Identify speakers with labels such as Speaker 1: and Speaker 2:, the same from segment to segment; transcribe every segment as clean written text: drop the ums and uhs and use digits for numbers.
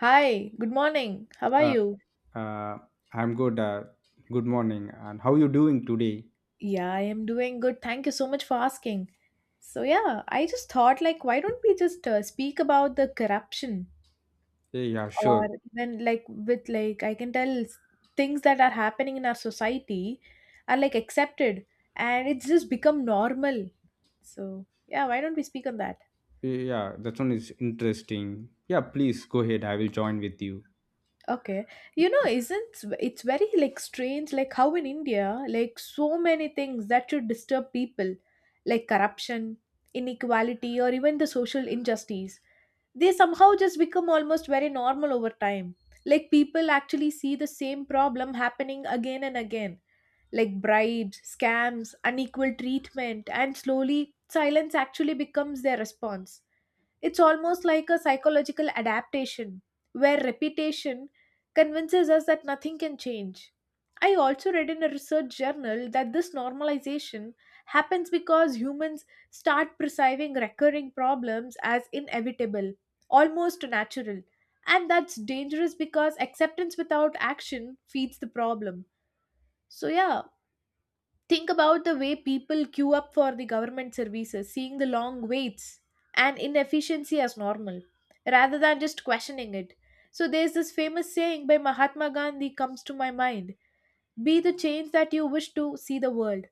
Speaker 1: Hi, good morning. How are
Speaker 2: Uh,
Speaker 1: you?
Speaker 2: uh, I'm good. Good morning. And how you doing today?
Speaker 1: Yeah, I am doing good. Thank you so much for asking. So, yeah, I just thought like why don't we just speak about the corruption
Speaker 2: Yeah, sure.
Speaker 1: or even like with like I can tell s- things that are happening in our society are like accepted and it's just become normal. So, yeah, why don't we speak on that?
Speaker 2: Yeah, that one is interesting. Yeah, please go ahead. I will join with you.
Speaker 1: Okay. You know, isn't s- it's very like strange like how in India like so many things that should disturb people like corruption, inequality or even the social injustice they somehow just become almost very normal over time. Like people actually see the same problem happening again and again, like bribes, scams, unequal treatment, and slowly silence actually becomes their response. It's almost like a psychological adaptation where repetition convinces us that nothing can change. I also read in a research journal that this normalization happens because humans start perceiving recurring problems as inevitable, almost natural. And that's dangerous because acceptance without action feeds the problem. So, yeah, think about the way people queue up for the government services, seeing the long waits and inefficiency as normal, rather than just questioning it. So there's this famous saying by Mahatma Gandhi comes to my mind, be the change that you wish to see the world.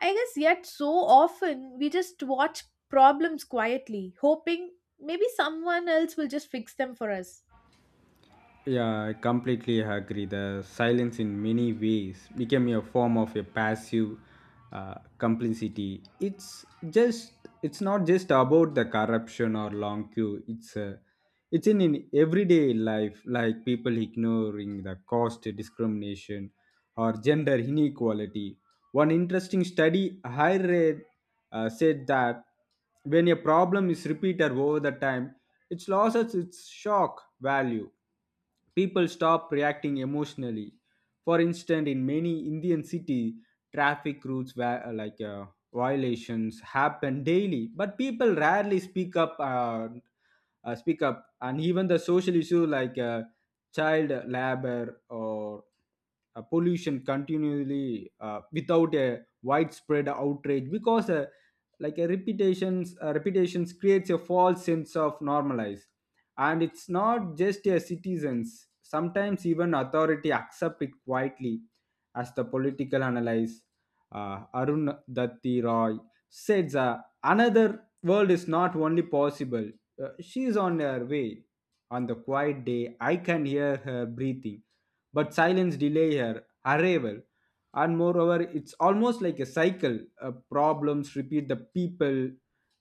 Speaker 1: I guess yet so often we just watch problems quietly, hoping maybe someone else will just fix them for us.
Speaker 2: Yeah, I completely agree. The silence in many ways became a form of a passive complicity. It's not just about the corruption or long queue. It's in everyday life, like people ignoring the cost discrimination or gender inequality. One interesting study I read said that when a problem is repeated over the time, it loses its shock value. People stop reacting emotionally. For instance, in many Indian city, traffic routes were like violations happen daily, but people rarely speak up. Speak up, and even the social issue like child labor or pollution continually without a widespread outrage because like a repetitions creates a false sense of normalize, and it's not just a citizens. Sometimes even authority accept it quietly as the political analyst Arun Datti Roy says, another world is not only possible. She is on her way on the quiet day. I can hear her breathing, but silence delay her arrival. And moreover, it's almost like a cycle. Problems repeat, the people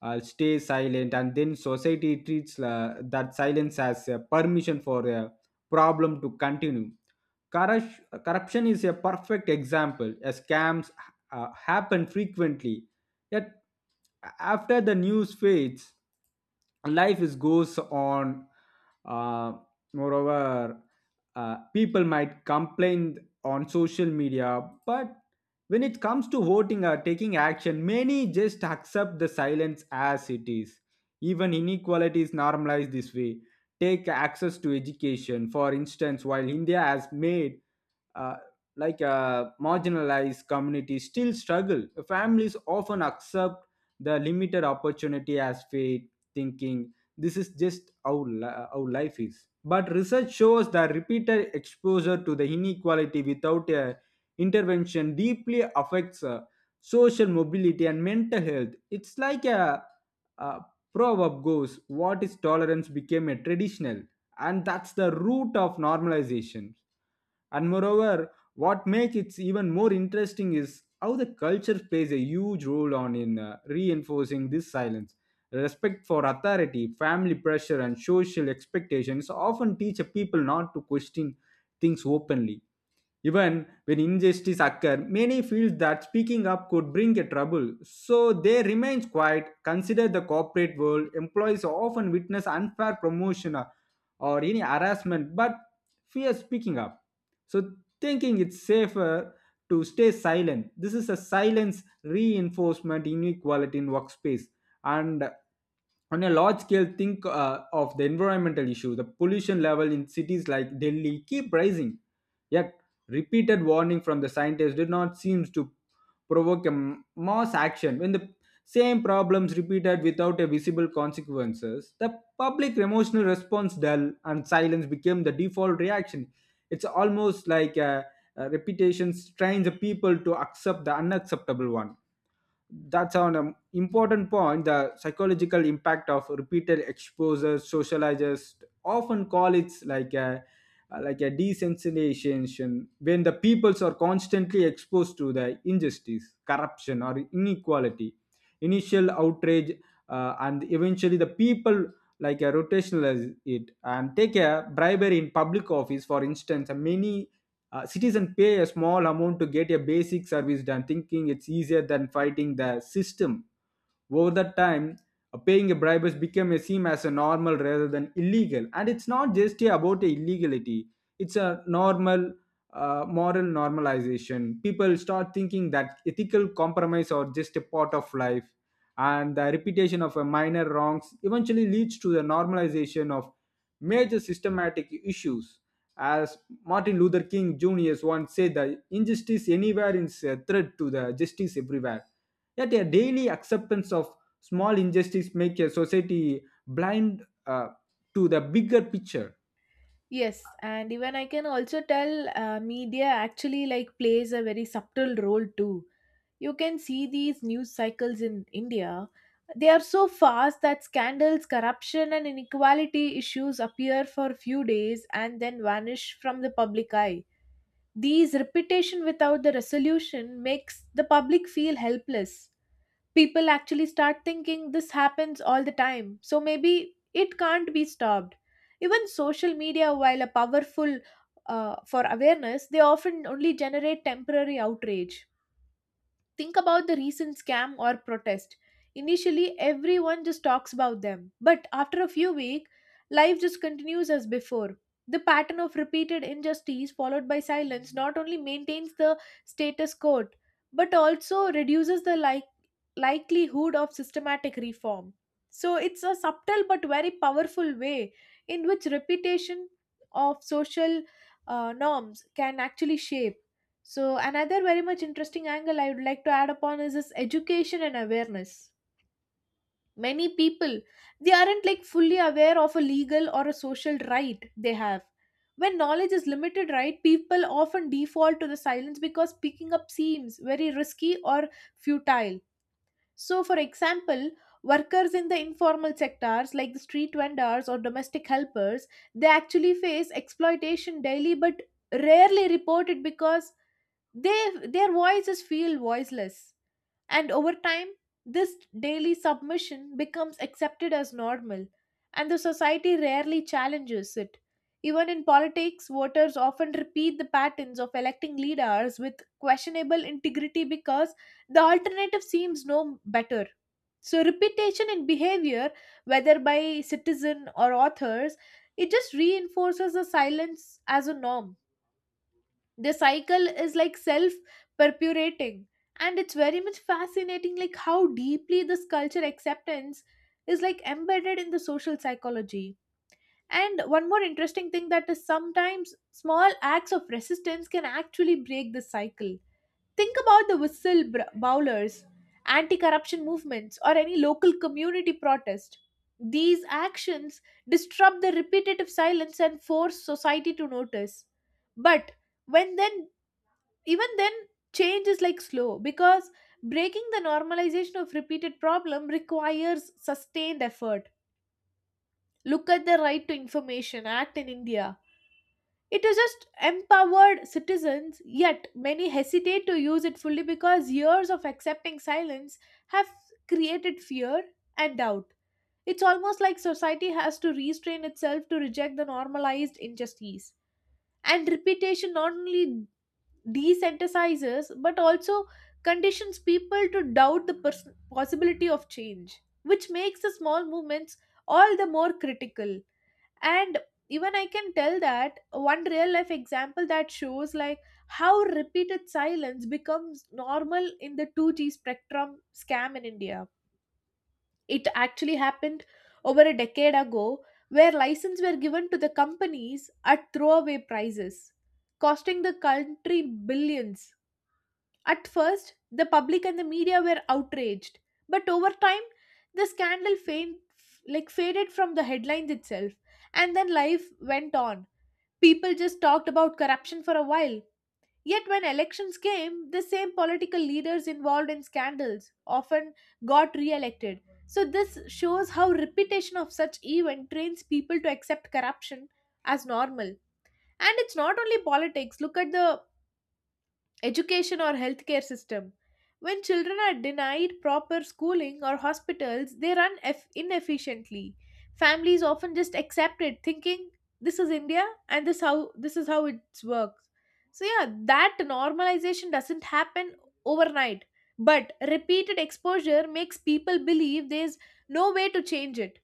Speaker 2: stay silent, and then society treats that silence as a permission for a problem to continue. Corruption is a perfect example, as scams happen frequently. Yet, after the news fades, life is goes on. Uh, Moreover, people might complain on social media, but when it comes to voting or taking action, many just accept the silence as it is. Even inequality is normalized this way. Take access to education. For instance, while India has made uh, like marginalized communities still struggle. Families often accept the limited opportunity as fate, thinking this is just how, how life is. But research shows that repeated exposure to the inequality without a intervention deeply affects social mobility and mental health. It's like a proverb goes, what is tolerance became a traditional, and that's the root of normalization. And moreover, what makes it even more interesting is how the culture plays a huge role on in reinforcing this silence. Respect for authority, family pressure, and social expectations often teach a people not to question things openly, even when injustice occurs. Many feel that speaking up could bring a trouble, so they remain quiet. Consider the corporate world, employees often witness unfair promotion or any harassment, but fear is picking up, so thinking it's safer to stay silent. This is a silence reinforcement inequality in workspace. And on a large scale, think of the environmental issue. The pollution level in cities like Delhi keep rising, yet repeated warning from the scientists did not seem to provoke a mass action. When the same problems repeated without a visible consequences, the public emotional response dull and silence became the default reaction. It's almost like a reputation strains the people to accept the unacceptable one. That's an important point, the psychological impact of repeated exposures. Socializers often call it like a desensitization. When the peoples are constantly exposed to the injustice, corruption, or inequality, initial outrage and eventually the people like a rotationalize it and take a bribery in public office. For instance, many citizen pay a small amount to get a basic service done, thinking it's easier than fighting the system. Over the time, paying a bribe has become a seem as a normal rather than illegal. And it's not just about the illegality, it's a normal moral normalization. People start thinking that ethical compromise are just a part of life, and the repetition of a minor wrongs eventually leads to the normalization of major systematic issues. As Martin Luther King Jr. once said, the injustice anywhere is a threat to the justice everywhere. Yet a daily acceptance of small injustice makes a society blind to the bigger picture.
Speaker 1: Yes, and even I can also tell media actually like plays a very subtle role too. You can see these news cycles in India. They are so fast that scandals, corruption, and inequality issues appear for few days and then vanish from the public eye. These repetition without the resolution makes the public feel helpless, people actually start thinking this happens all the time, so maybe it can't be stopped. Even social media, while a powerful for awareness, they often only generate temporary outrage. Think about the recent scam or protest. Initially, everyone just talks about them, but after a few weeks, life just continues as before. The pattern of repeated injustice followed by silence not only maintains the status quo, but also reduces the likelihood of systematic reform. So it's a subtle but very powerful way in which repetition of social norms can actually shape. So, another very much interesting angle I would like to add upon is this education and awareness. Many people they aren't like fully aware of a legal or a social right they have. When knowledge is limited, right, people often default to the silence because picking up seems very risky or futile. So, for example, workers in the informal sectors like the street vendors or domestic helpers, they actually face exploitation daily but rarely report it because their voices feel voiceless. And over time, this daily submission becomes accepted as normal, and the society rarely challenges it. Even in politics, voters often repeat the patterns of electing leaders with questionable integrity because the alternative seems no better. So, repetition in behavior, whether by citizen or authors, it just reinforces the silence as a norm. The cycle is like self perpetuating, and it's very much fascinating like how deeply this culture acceptance is like embedded in the social psychology. And one more interesting thing that is sometimes small acts of resistance can actually break the cycle. Think about the bowlers, anti-corruption movements or any local community protest. These actions disrupt the repetitive silence and force society to notice. But when then even then, change is like slow because breaking the normalization of repeated problem requires sustained effort. Look at the Right to Information Act in India. It is just empowered citizens, yet many hesitate to use it fully because years of accepting silence have created fear and doubt. It's almost like society has to restrain itself to reject the normalized injustice. And repetition not only desensitizes but also conditions people to doubt the possibility of change, which makes the small movements all the more critical. And even I can tell that one real life example that shows like how repeated silence becomes normal in the 2G spectrum scam in India, it actually happened over a decade ago where licenses were given to the companies at throwaway prices, costing the country billions. At first, the public and the media were outraged, but over time, the scandal fade, like faded from the headlines itself, and then life went on. People just talked about corruption for a while. Yet, when elections came, the same political leaders involved in scandals often got re elected. So, this shows how repetition of such event trains people to accept corruption as normal. And it's not only politics. Look at the education or healthcare system. When children are denied proper schooling or hospitals, they run inefficiently. Families often just accept it, thinking this is India and this how this is how it works. So yeah, that normalization doesn't happen overnight, but repeated exposure makes people believe there's no way to change it.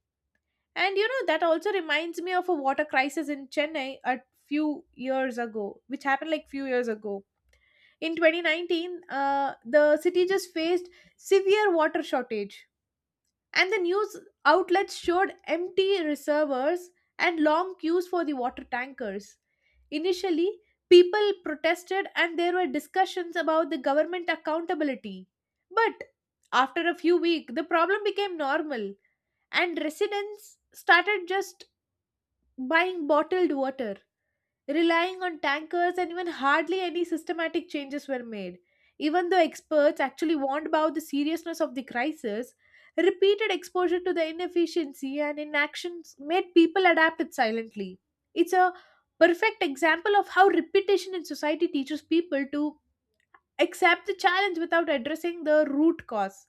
Speaker 1: And you know that also reminds me of a water crisis in Chennai a few years ago, which happened like few years ago in 2019, the city just faced severe water shortage, and the news outlets showed empty reservoirs and long queues for the water tankers. Initially, people protested, and there were discussions about the government accountability. But after a few weeks, the problem became normal, and residents started just buying bottled water, relying on tankers, and even hardly any systematic changes were made. Even though experts actually warned about the seriousness of the crisis, repeated exposure to the inefficiency and inactions made people adapt it silently. It's a perfect example of how repetition in society teaches people to accept the challenge without addressing the root cause.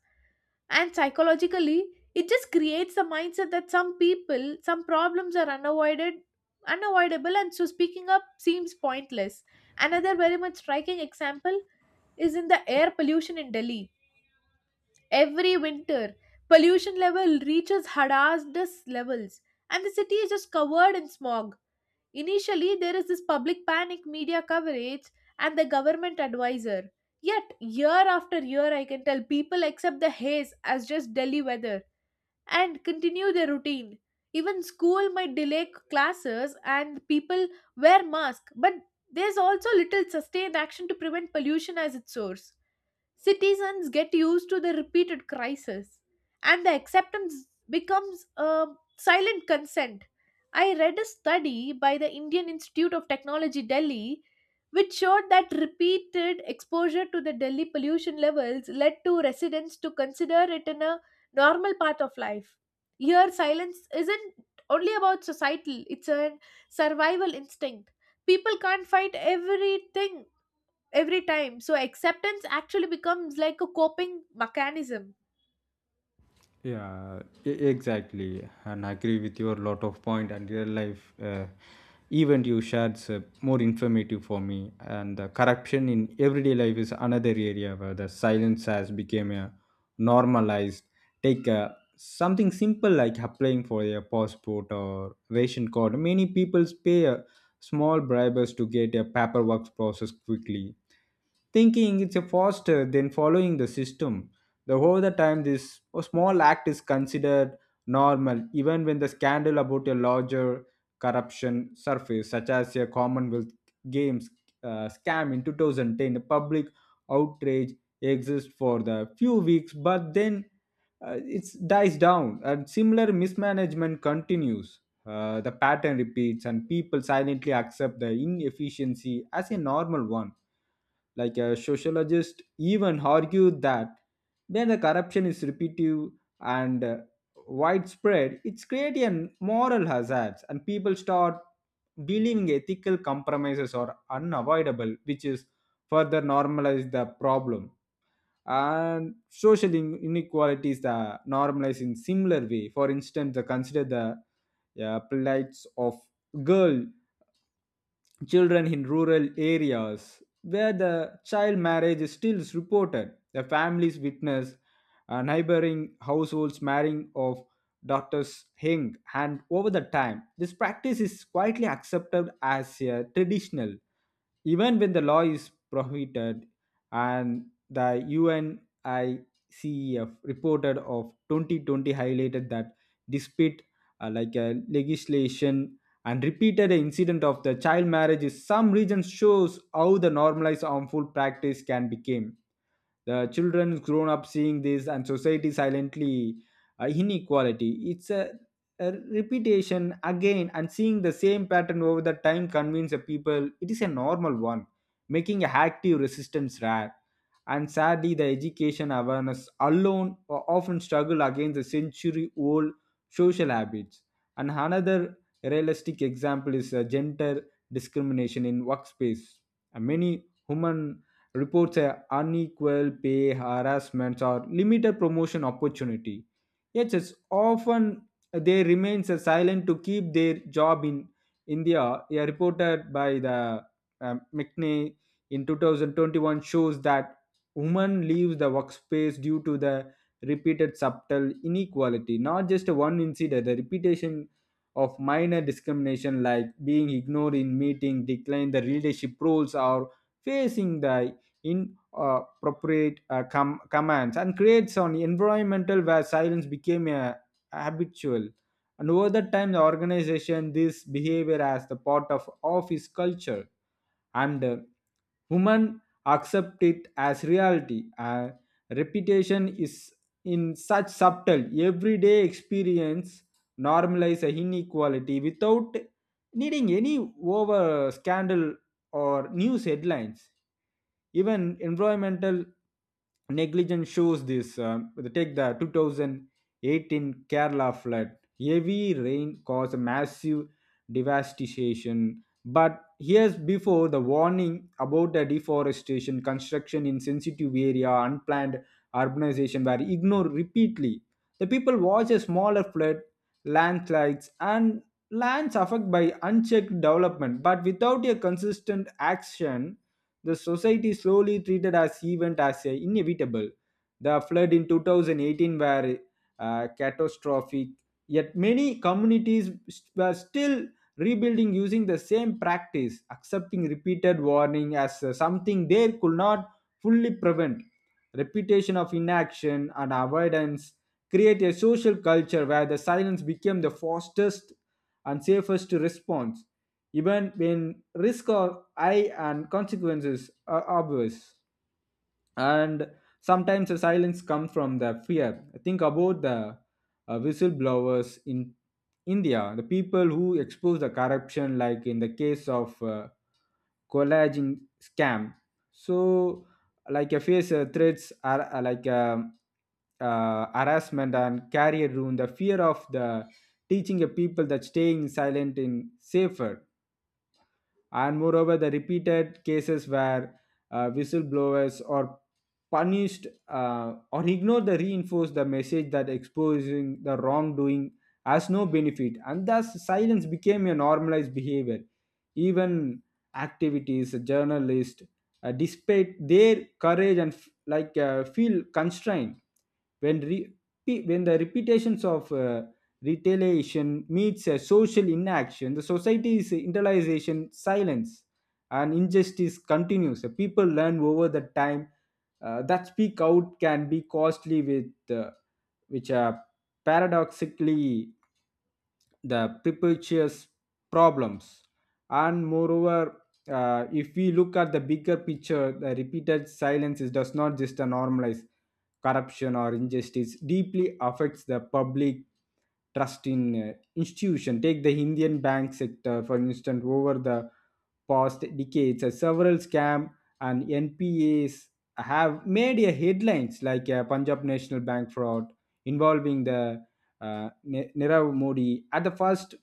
Speaker 1: And psychologically, it just creates the mindset that some people, some problems are unavoided, unavoidable, and so speaking up seems pointless. Another very much striking example is in the air pollution in Delhi. Every winter, pollution level reaches hazardous levels, and the city is just covered in smog. Initially, there is this public panic, media coverage, and the government advisor. Yet, year after year, I can tell people accept the haze as just Delhi weather and continue their routine. Even school might delay classes and people wear masks, but there's also little sustained action to prevent pollution as its source. Citizens get used to the repeated crisis, and the acceptance becomes a silent consent. I read a study by the Indian Institute of Technology Delhi which showed that repeated exposure to the Delhi pollution levels led to residents to consider it in a normal part of life. Here, silence isn't only about societal, it's a survival instinct. People can't fight everything every time, so acceptance actually becomes like a coping mechanism.
Speaker 2: Yeah, exactly, and I agree with your lot of point, and real life event you shared is more informative for me. And the corruption in everyday life is another area where the silence has become a normalized. Take something simple like applying for a passport or ration card. Many people pay small bribes to get a paperwork process quickly, thinking it's a faster than following the system. The over the time, this small act is considered normal, even when the scandal about a larger corruption surface, such as a Commonwealth Games scam in 2010. Public outrage exists for the few weeks, but then it dies down, and similar mismanagement continues. The pattern repeats, and people silently accept the inefficiency as a normal one. Like a sociologist even argued that when the corruption is repetitive and widespread, it's creating an moral hazards, and people start believing ethical compromises are unavoidable, which is further normalize the problem. And social inequalities are normalized in similar way. For instance, the consider the plights of girl children in rural areas where the child marriage is still reported. The families witness neighboring households marrying of daughters young, and over the time, this practice is quietly accepted as a traditional, even when the law is prohibited. And the UNICEF reported of 2020 highlighted that despite like a legislation and repeated incident of the child marriages, some regions shows how the normalized harmful practice can become. The children grown up seeing this, and society silently inequality. It's a repetition again, and seeing the same pattern over the time convince the people it is a normal one, making active resistance rare. And sadly, the education awareness alone often struggle against the century old social habits. And another realistic example is gender discrimination in workspace. And many women reports unequal pay, harassment, or limited promotion opportunity. Yet, it's often they remain silent to keep their job in India. A reported by the McNay in 2021 shows that women leaves the workspace due to the repeated subtle inequality, not just one incident. The repetition of minor discrimination, like being ignored in meeting, decline the leadership roles, or facing the in appropriate commands, and creates an environmental where silence became a habitual. And over the time, the organization this behavior as the part of office culture. And women accept it as reality. Reputation is in such subtle everyday experience normalize a inequality without needing any over scandal or news headlines. Even environmental negligence shows this. Take the 2018 Kerala flood. Heavy rain caused massive devastation, but here's before the warning about the deforestation, construction in sensitive area, unplanned urbanization were ignored repeatedly. The people watch a smaller flood, landslides, and lands affected by unchecked development, but without a consistent action, the society slowly treated as event as a inevitable. The flood in 2018 were catastrophic, yet many communities were still rebuilding using the same practice, accepting repeated warning as something they could not fully prevent. Repetition of inaction and avoidance create a social culture where the silence became the fastest and safest response, even when risk are high and consequences are obvious. And sometimes the silence comes from the fear. Think about the whistleblowers in India, the people who expose the corruption, like in the case of collagen scam. So like a face threats are like harassment and career ruin. The fear of the teaching a people that staying silent in safer. And moreover, the repeated cases where whistleblowers are punished or ignored the reinforce the message that exposing the wrongdoing has no benefit, and thus silence became a normalized behavior. Even activities, journalists, despite their courage and like feel constrained when when the repetitions of retaliation meets a social inaction, the society's internalization silence and injustice continues. The people learn over the time that speak out can be costly with, which are paradoxically the perpetuous problems. And moreover, if we look at the bigger picture, the repeated silence does not just normalize corruption or injustice, deeply affects the public trust in institution. Take the Indian bank sector, for instance. Over the past decades, several scam and NPAs have made a headlines, like Punjab National Bank fraud involving the Nirav Modi. At the first,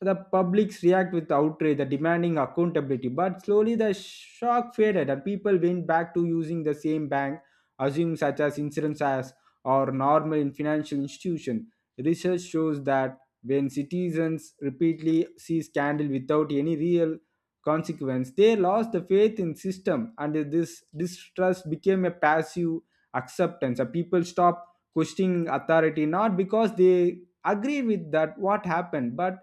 Speaker 2: the publics react with outrage, the demanding accountability. But slowly, the shock faded, and people went back to using the same bank, assume such as insurance as or normal in financial institution. Research shows that when citizens repeatedly see scandal without any real consequence, they lost the faith in system, and this distrust became a passive acceptance. People stop questioning authority not because they agree with that what happened but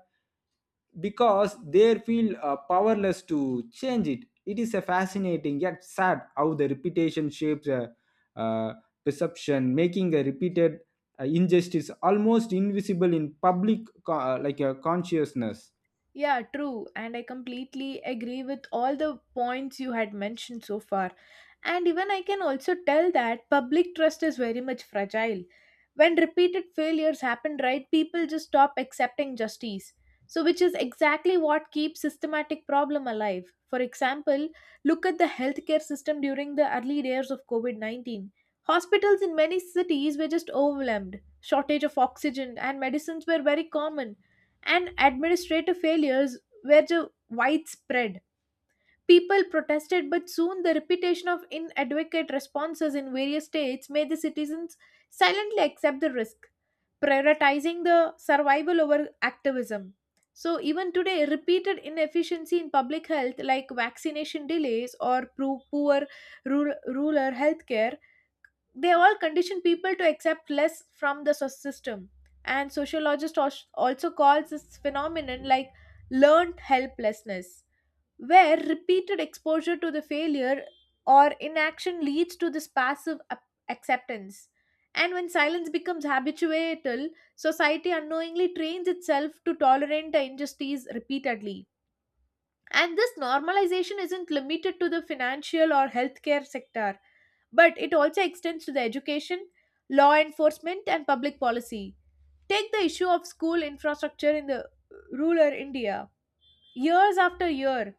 Speaker 2: because they feel powerless to change it. It is a fascinating yet sad how the reputation shapes a uh, perception, making a repeated injustice almost invisible in public like a consciousness.
Speaker 1: Yeah, true. And I completely agree with all the points you had mentioned so far. And even I can also tell that public trust is very much fragile. When repeated failures happen, right, people just stop accepting justice. So, which is exactly what keeps systematic problem alive. For example, look at the healthcare system during the early days of COVID COVID-19. Hospitals in many cities were just overwhelmed. Shortage of oxygen and medicines were very common and administrative failures were widespread. People protested, but soon the repetition of inadequate responses in various states made the citizens silently accept the risk, prioritizing the survival over activism. So, even today, repeated inefficiency in public health, like vaccination delays or poor rural healthcare, they all condition people to accept less from the system, and sociologist also calls this phenomenon like learned helplessness, where repeated exposure to the failure or inaction leads to this passive acceptance. And when silence becomes habitual, society unknowingly trains itself to tolerate the injustice repeatedly, and this normalization isn't limited to the financial or healthcare sector, but it also extends to the education, law enforcement, and public policy. Take the issue of school infrastructure in the rural India. Years after year,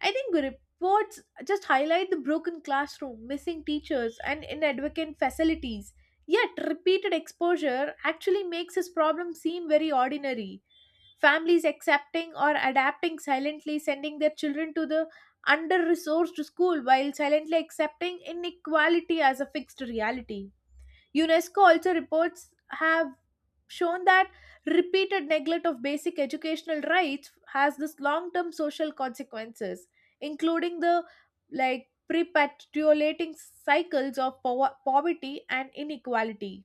Speaker 1: I think reports just highlight the broken classroom, missing teachers, and inadequate facilities. Yet, repeated exposure actually makes this problem seem very ordinary. Families accepting or adapting silently, sending their children to the under resourced school while silently accepting inequality as a fixed reality. UNESCO also reports have shown that repeated neglect of basic educational rights has this long-term social consequences including the like perpetuating cycles of poverty and inequality.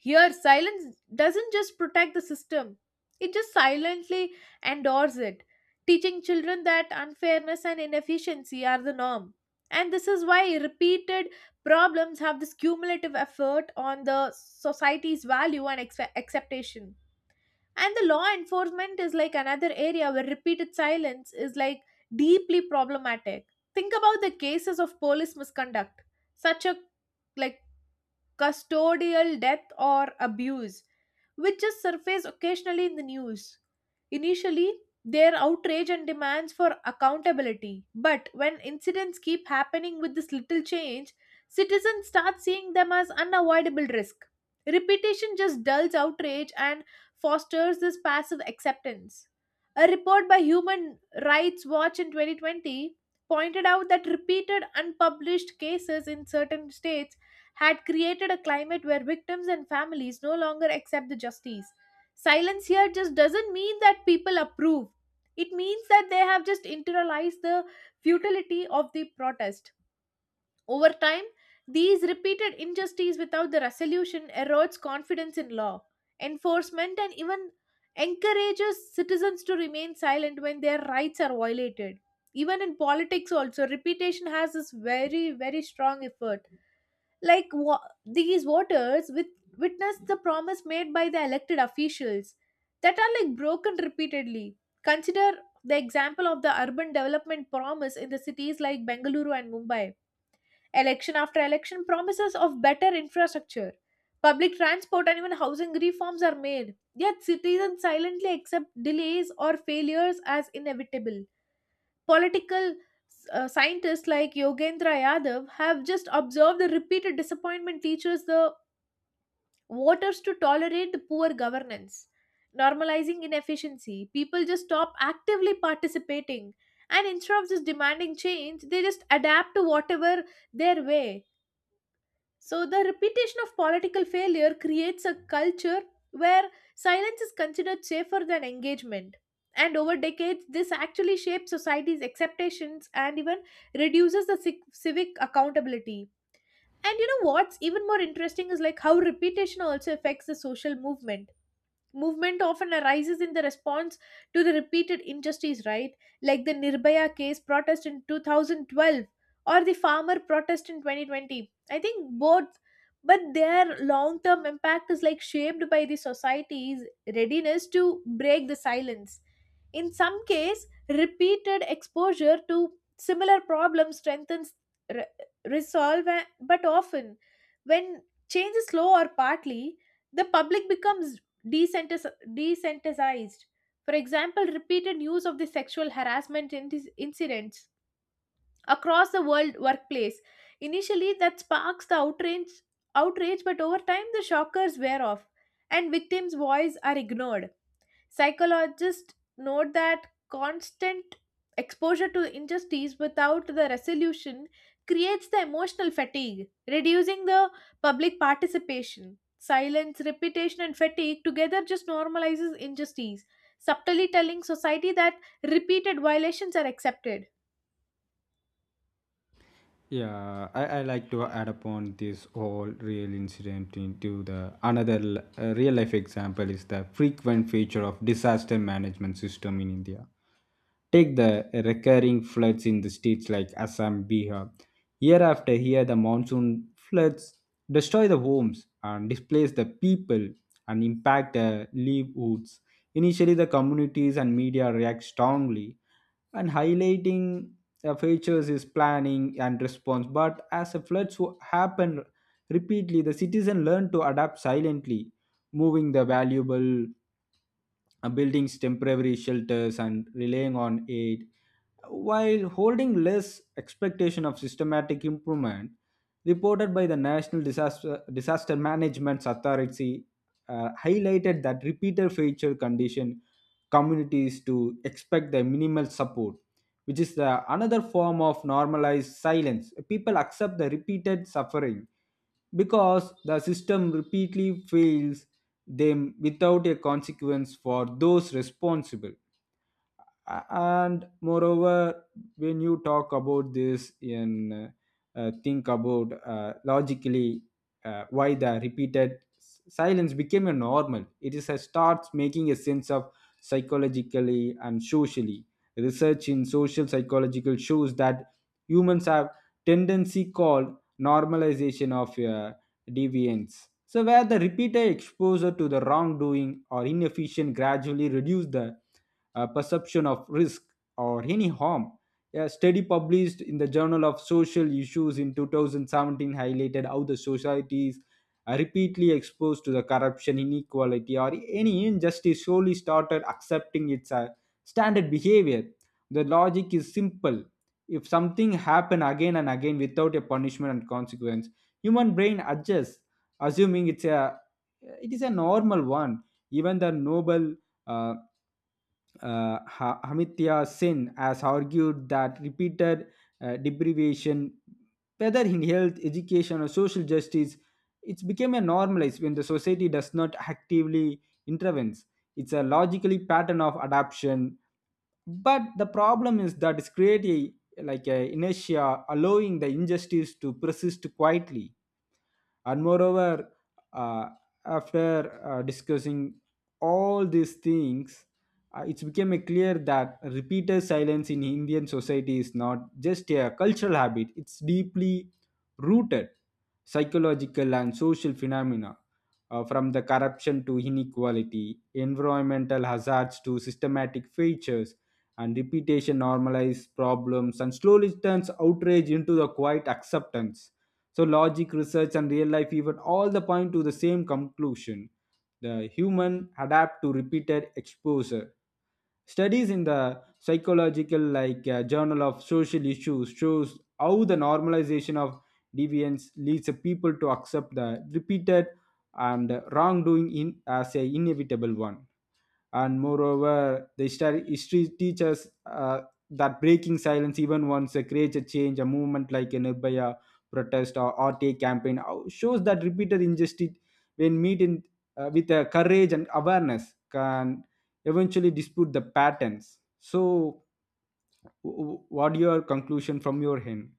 Speaker 1: Here, silence doesn't just protect the system, it just silently endorses it, teaching children that unfairness and inefficiency are the norm. And this is why repeated problems have this cumulative effort on the society's value and acceptation. And the law enforcement is like another area where repeated silence is like deeply problematic. Think about the cases of police misconduct, such a like custodial death or abuse, which just surface occasionally in the news. Initially, their outrage and demands for accountability. But when incidents keep happening with this little change, citizens start seeing them as unavoidable risk. Repetition just dulls outrage and fosters this passive acceptance. A report by Human Rights Watch in 2020 pointed out that repeated unpublished cases in certain states had created a climate where victims and families no longer accept the justice. Silence here just doesn't mean that people approve, it means that they have just internalized the futility of the protest. Over time, these repeated injustices without the resolution erodes confidence in law enforcement and even encourages citizens to remain silent when their rights are violated. Even in politics also, repetition has this very very strong effort. These voters witnessed the promise made by the elected officials that are like broken repeatedly. Consider the example of the urban development promise in the cities like Bengaluru and Mumbai. Election after election, promises of better infrastructure, public transport, and even housing reforms are made. Yet citizens silently accept delays or failures as inevitable. Political scientists like Yogendra Yadav have just observed the repeated disappointment teaches the voters to tolerate the poor governance, normalizing inefficiency. People just stop actively participating, and instead of just demanding change, they just adapt to whatever their way. So, the repetition of political failure creates a culture where silence is considered safer than engagement. And over decades, this actually shapes society's expectations and even reduces the civic accountability. And you know what's even more interesting is like how repetition also affects the social movement. Movement often arises in the response to the repeated injustice, right? Like the Nirbhaya case protest in 2012 or the farmer protest in 2020. I think both, but their long term impact is like shaped by the society's readiness to break the silence. In some case, repeated exposure to similar problems strengthens re- resolve, but often when change is slow or partly, the public becomes desensitized. For example, repeated news of the sexual harassment incidents across the world workplace. Initially, that sparks the outrage, outrage, but over time, the shockers wear off and victims' voices are ignored. Psychologists note that constant exposure to injustice without the resolution creates the emotional fatigue, reducing the public participation. Silence, repetition, and fatigue together just normalizes injustice, subtly telling society that repeated violations are accepted.
Speaker 2: Yeah, I like to add upon this whole real incident into the another real life example is the frequent feature of disaster management system in India. Take the recurring floods in the states like Assam, Bihar. Year after year, the monsoon floods destroy the homes and displace the people and impact the livelihoods. Initially, the communities and media react strongly, and highlighting features is planning and response, but as the floods happen repeatedly, the citizen learn to adapt silently, moving the valuable, building temporary shelters and relying on aid, while holding less expectation of systematic improvement. Reported by the national disaster management authority, highlighted that repeated failure condition communities to expect the minimal support, which is the another form of normalized silence. People accept the repeated suffering because the system repeatedly fails them without a consequence for those responsible. And moreover, when you talk about this and think about logically, why the repeated silence became a normal, it is a starts making a sense of psychologically and socially. Research in social psychological shows that humans have tendency called normalization of deviance, so where the repeated exposure to the wrongdoing or inefficient gradually reduce the perception of risk or any harm. A study published in the Journal of Social Issues in 2017 highlighted how the societies are repeatedly exposed to the corruption, inequality, or any injustice slowly started accepting its standard behavior. The logic is simple. If something happen again and again without a punishment and consequence, human brain adjusts, assuming it is a normal one. Even the noble uh, Amitya Sen has argued that repeated deprivation, whether in health, education, or social justice, it's become a normalized when the society does not actively intervene. It's a logically pattern of adaption, but the problem is that it's creating like a inertia, allowing the injustice to persist quietly. And moreover, uh, after discussing all these things, it became a clear that repeated silence in indian society is not just a cultural habit, it's deeply rooted psychological and social phenomena, from the corruption to inequality, environmental hazards to systematic features, and repetition normalizes problems and slowly turns outrage into the quiet acceptance. So logic, research, and real life even all the point to the same conclusion. The human adapt to repeated exposure. Studies in the psychological, like journal of social issues, shows how the normalization of deviance leads the people to accept the repeated and wrongdoing in as a inevitable one. And moreover, the history teaches that breaking silence even once creates a change. A movement like a nirbhaya protest or rta campaign shows that repeated injustice, when met with courage and awareness, can eventually dispute the patterns. So what your conclusion from your end?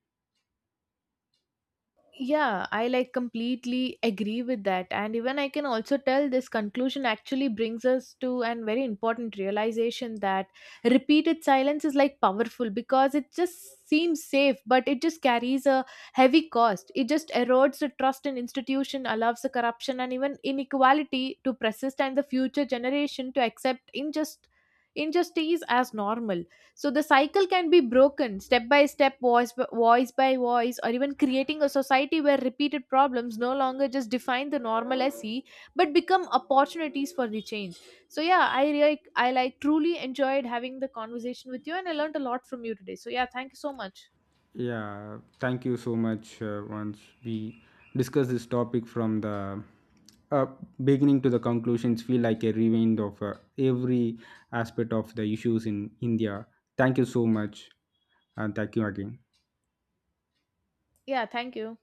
Speaker 1: Yeah, I like completely agree with that. And even I can also tell this conclusion actually brings us to an very important realization that repeated silence is like powerful because it just seems safe, but it just carries a heavy cost. It just erodes the trust in institution, allows the corruption and even inequality to persist and the future generation to accept in just injustice as normal. So the cycle can be broken step by step, voice by, voice by voice, or even creating a society where repeated problems no longer just define the normalcy but become opportunities for the change. So yeah, I really, I like truly enjoyed having the conversation with you and I learned a lot from you today. So yeah, thank you so much.
Speaker 2: Yeah, thank you so much. Once we discuss this topic from the uh, beginning to the conclusions, feel like a rewind of every aspect of the issues in India. Thank you so much, and thank you again.
Speaker 1: Yeah, thank you.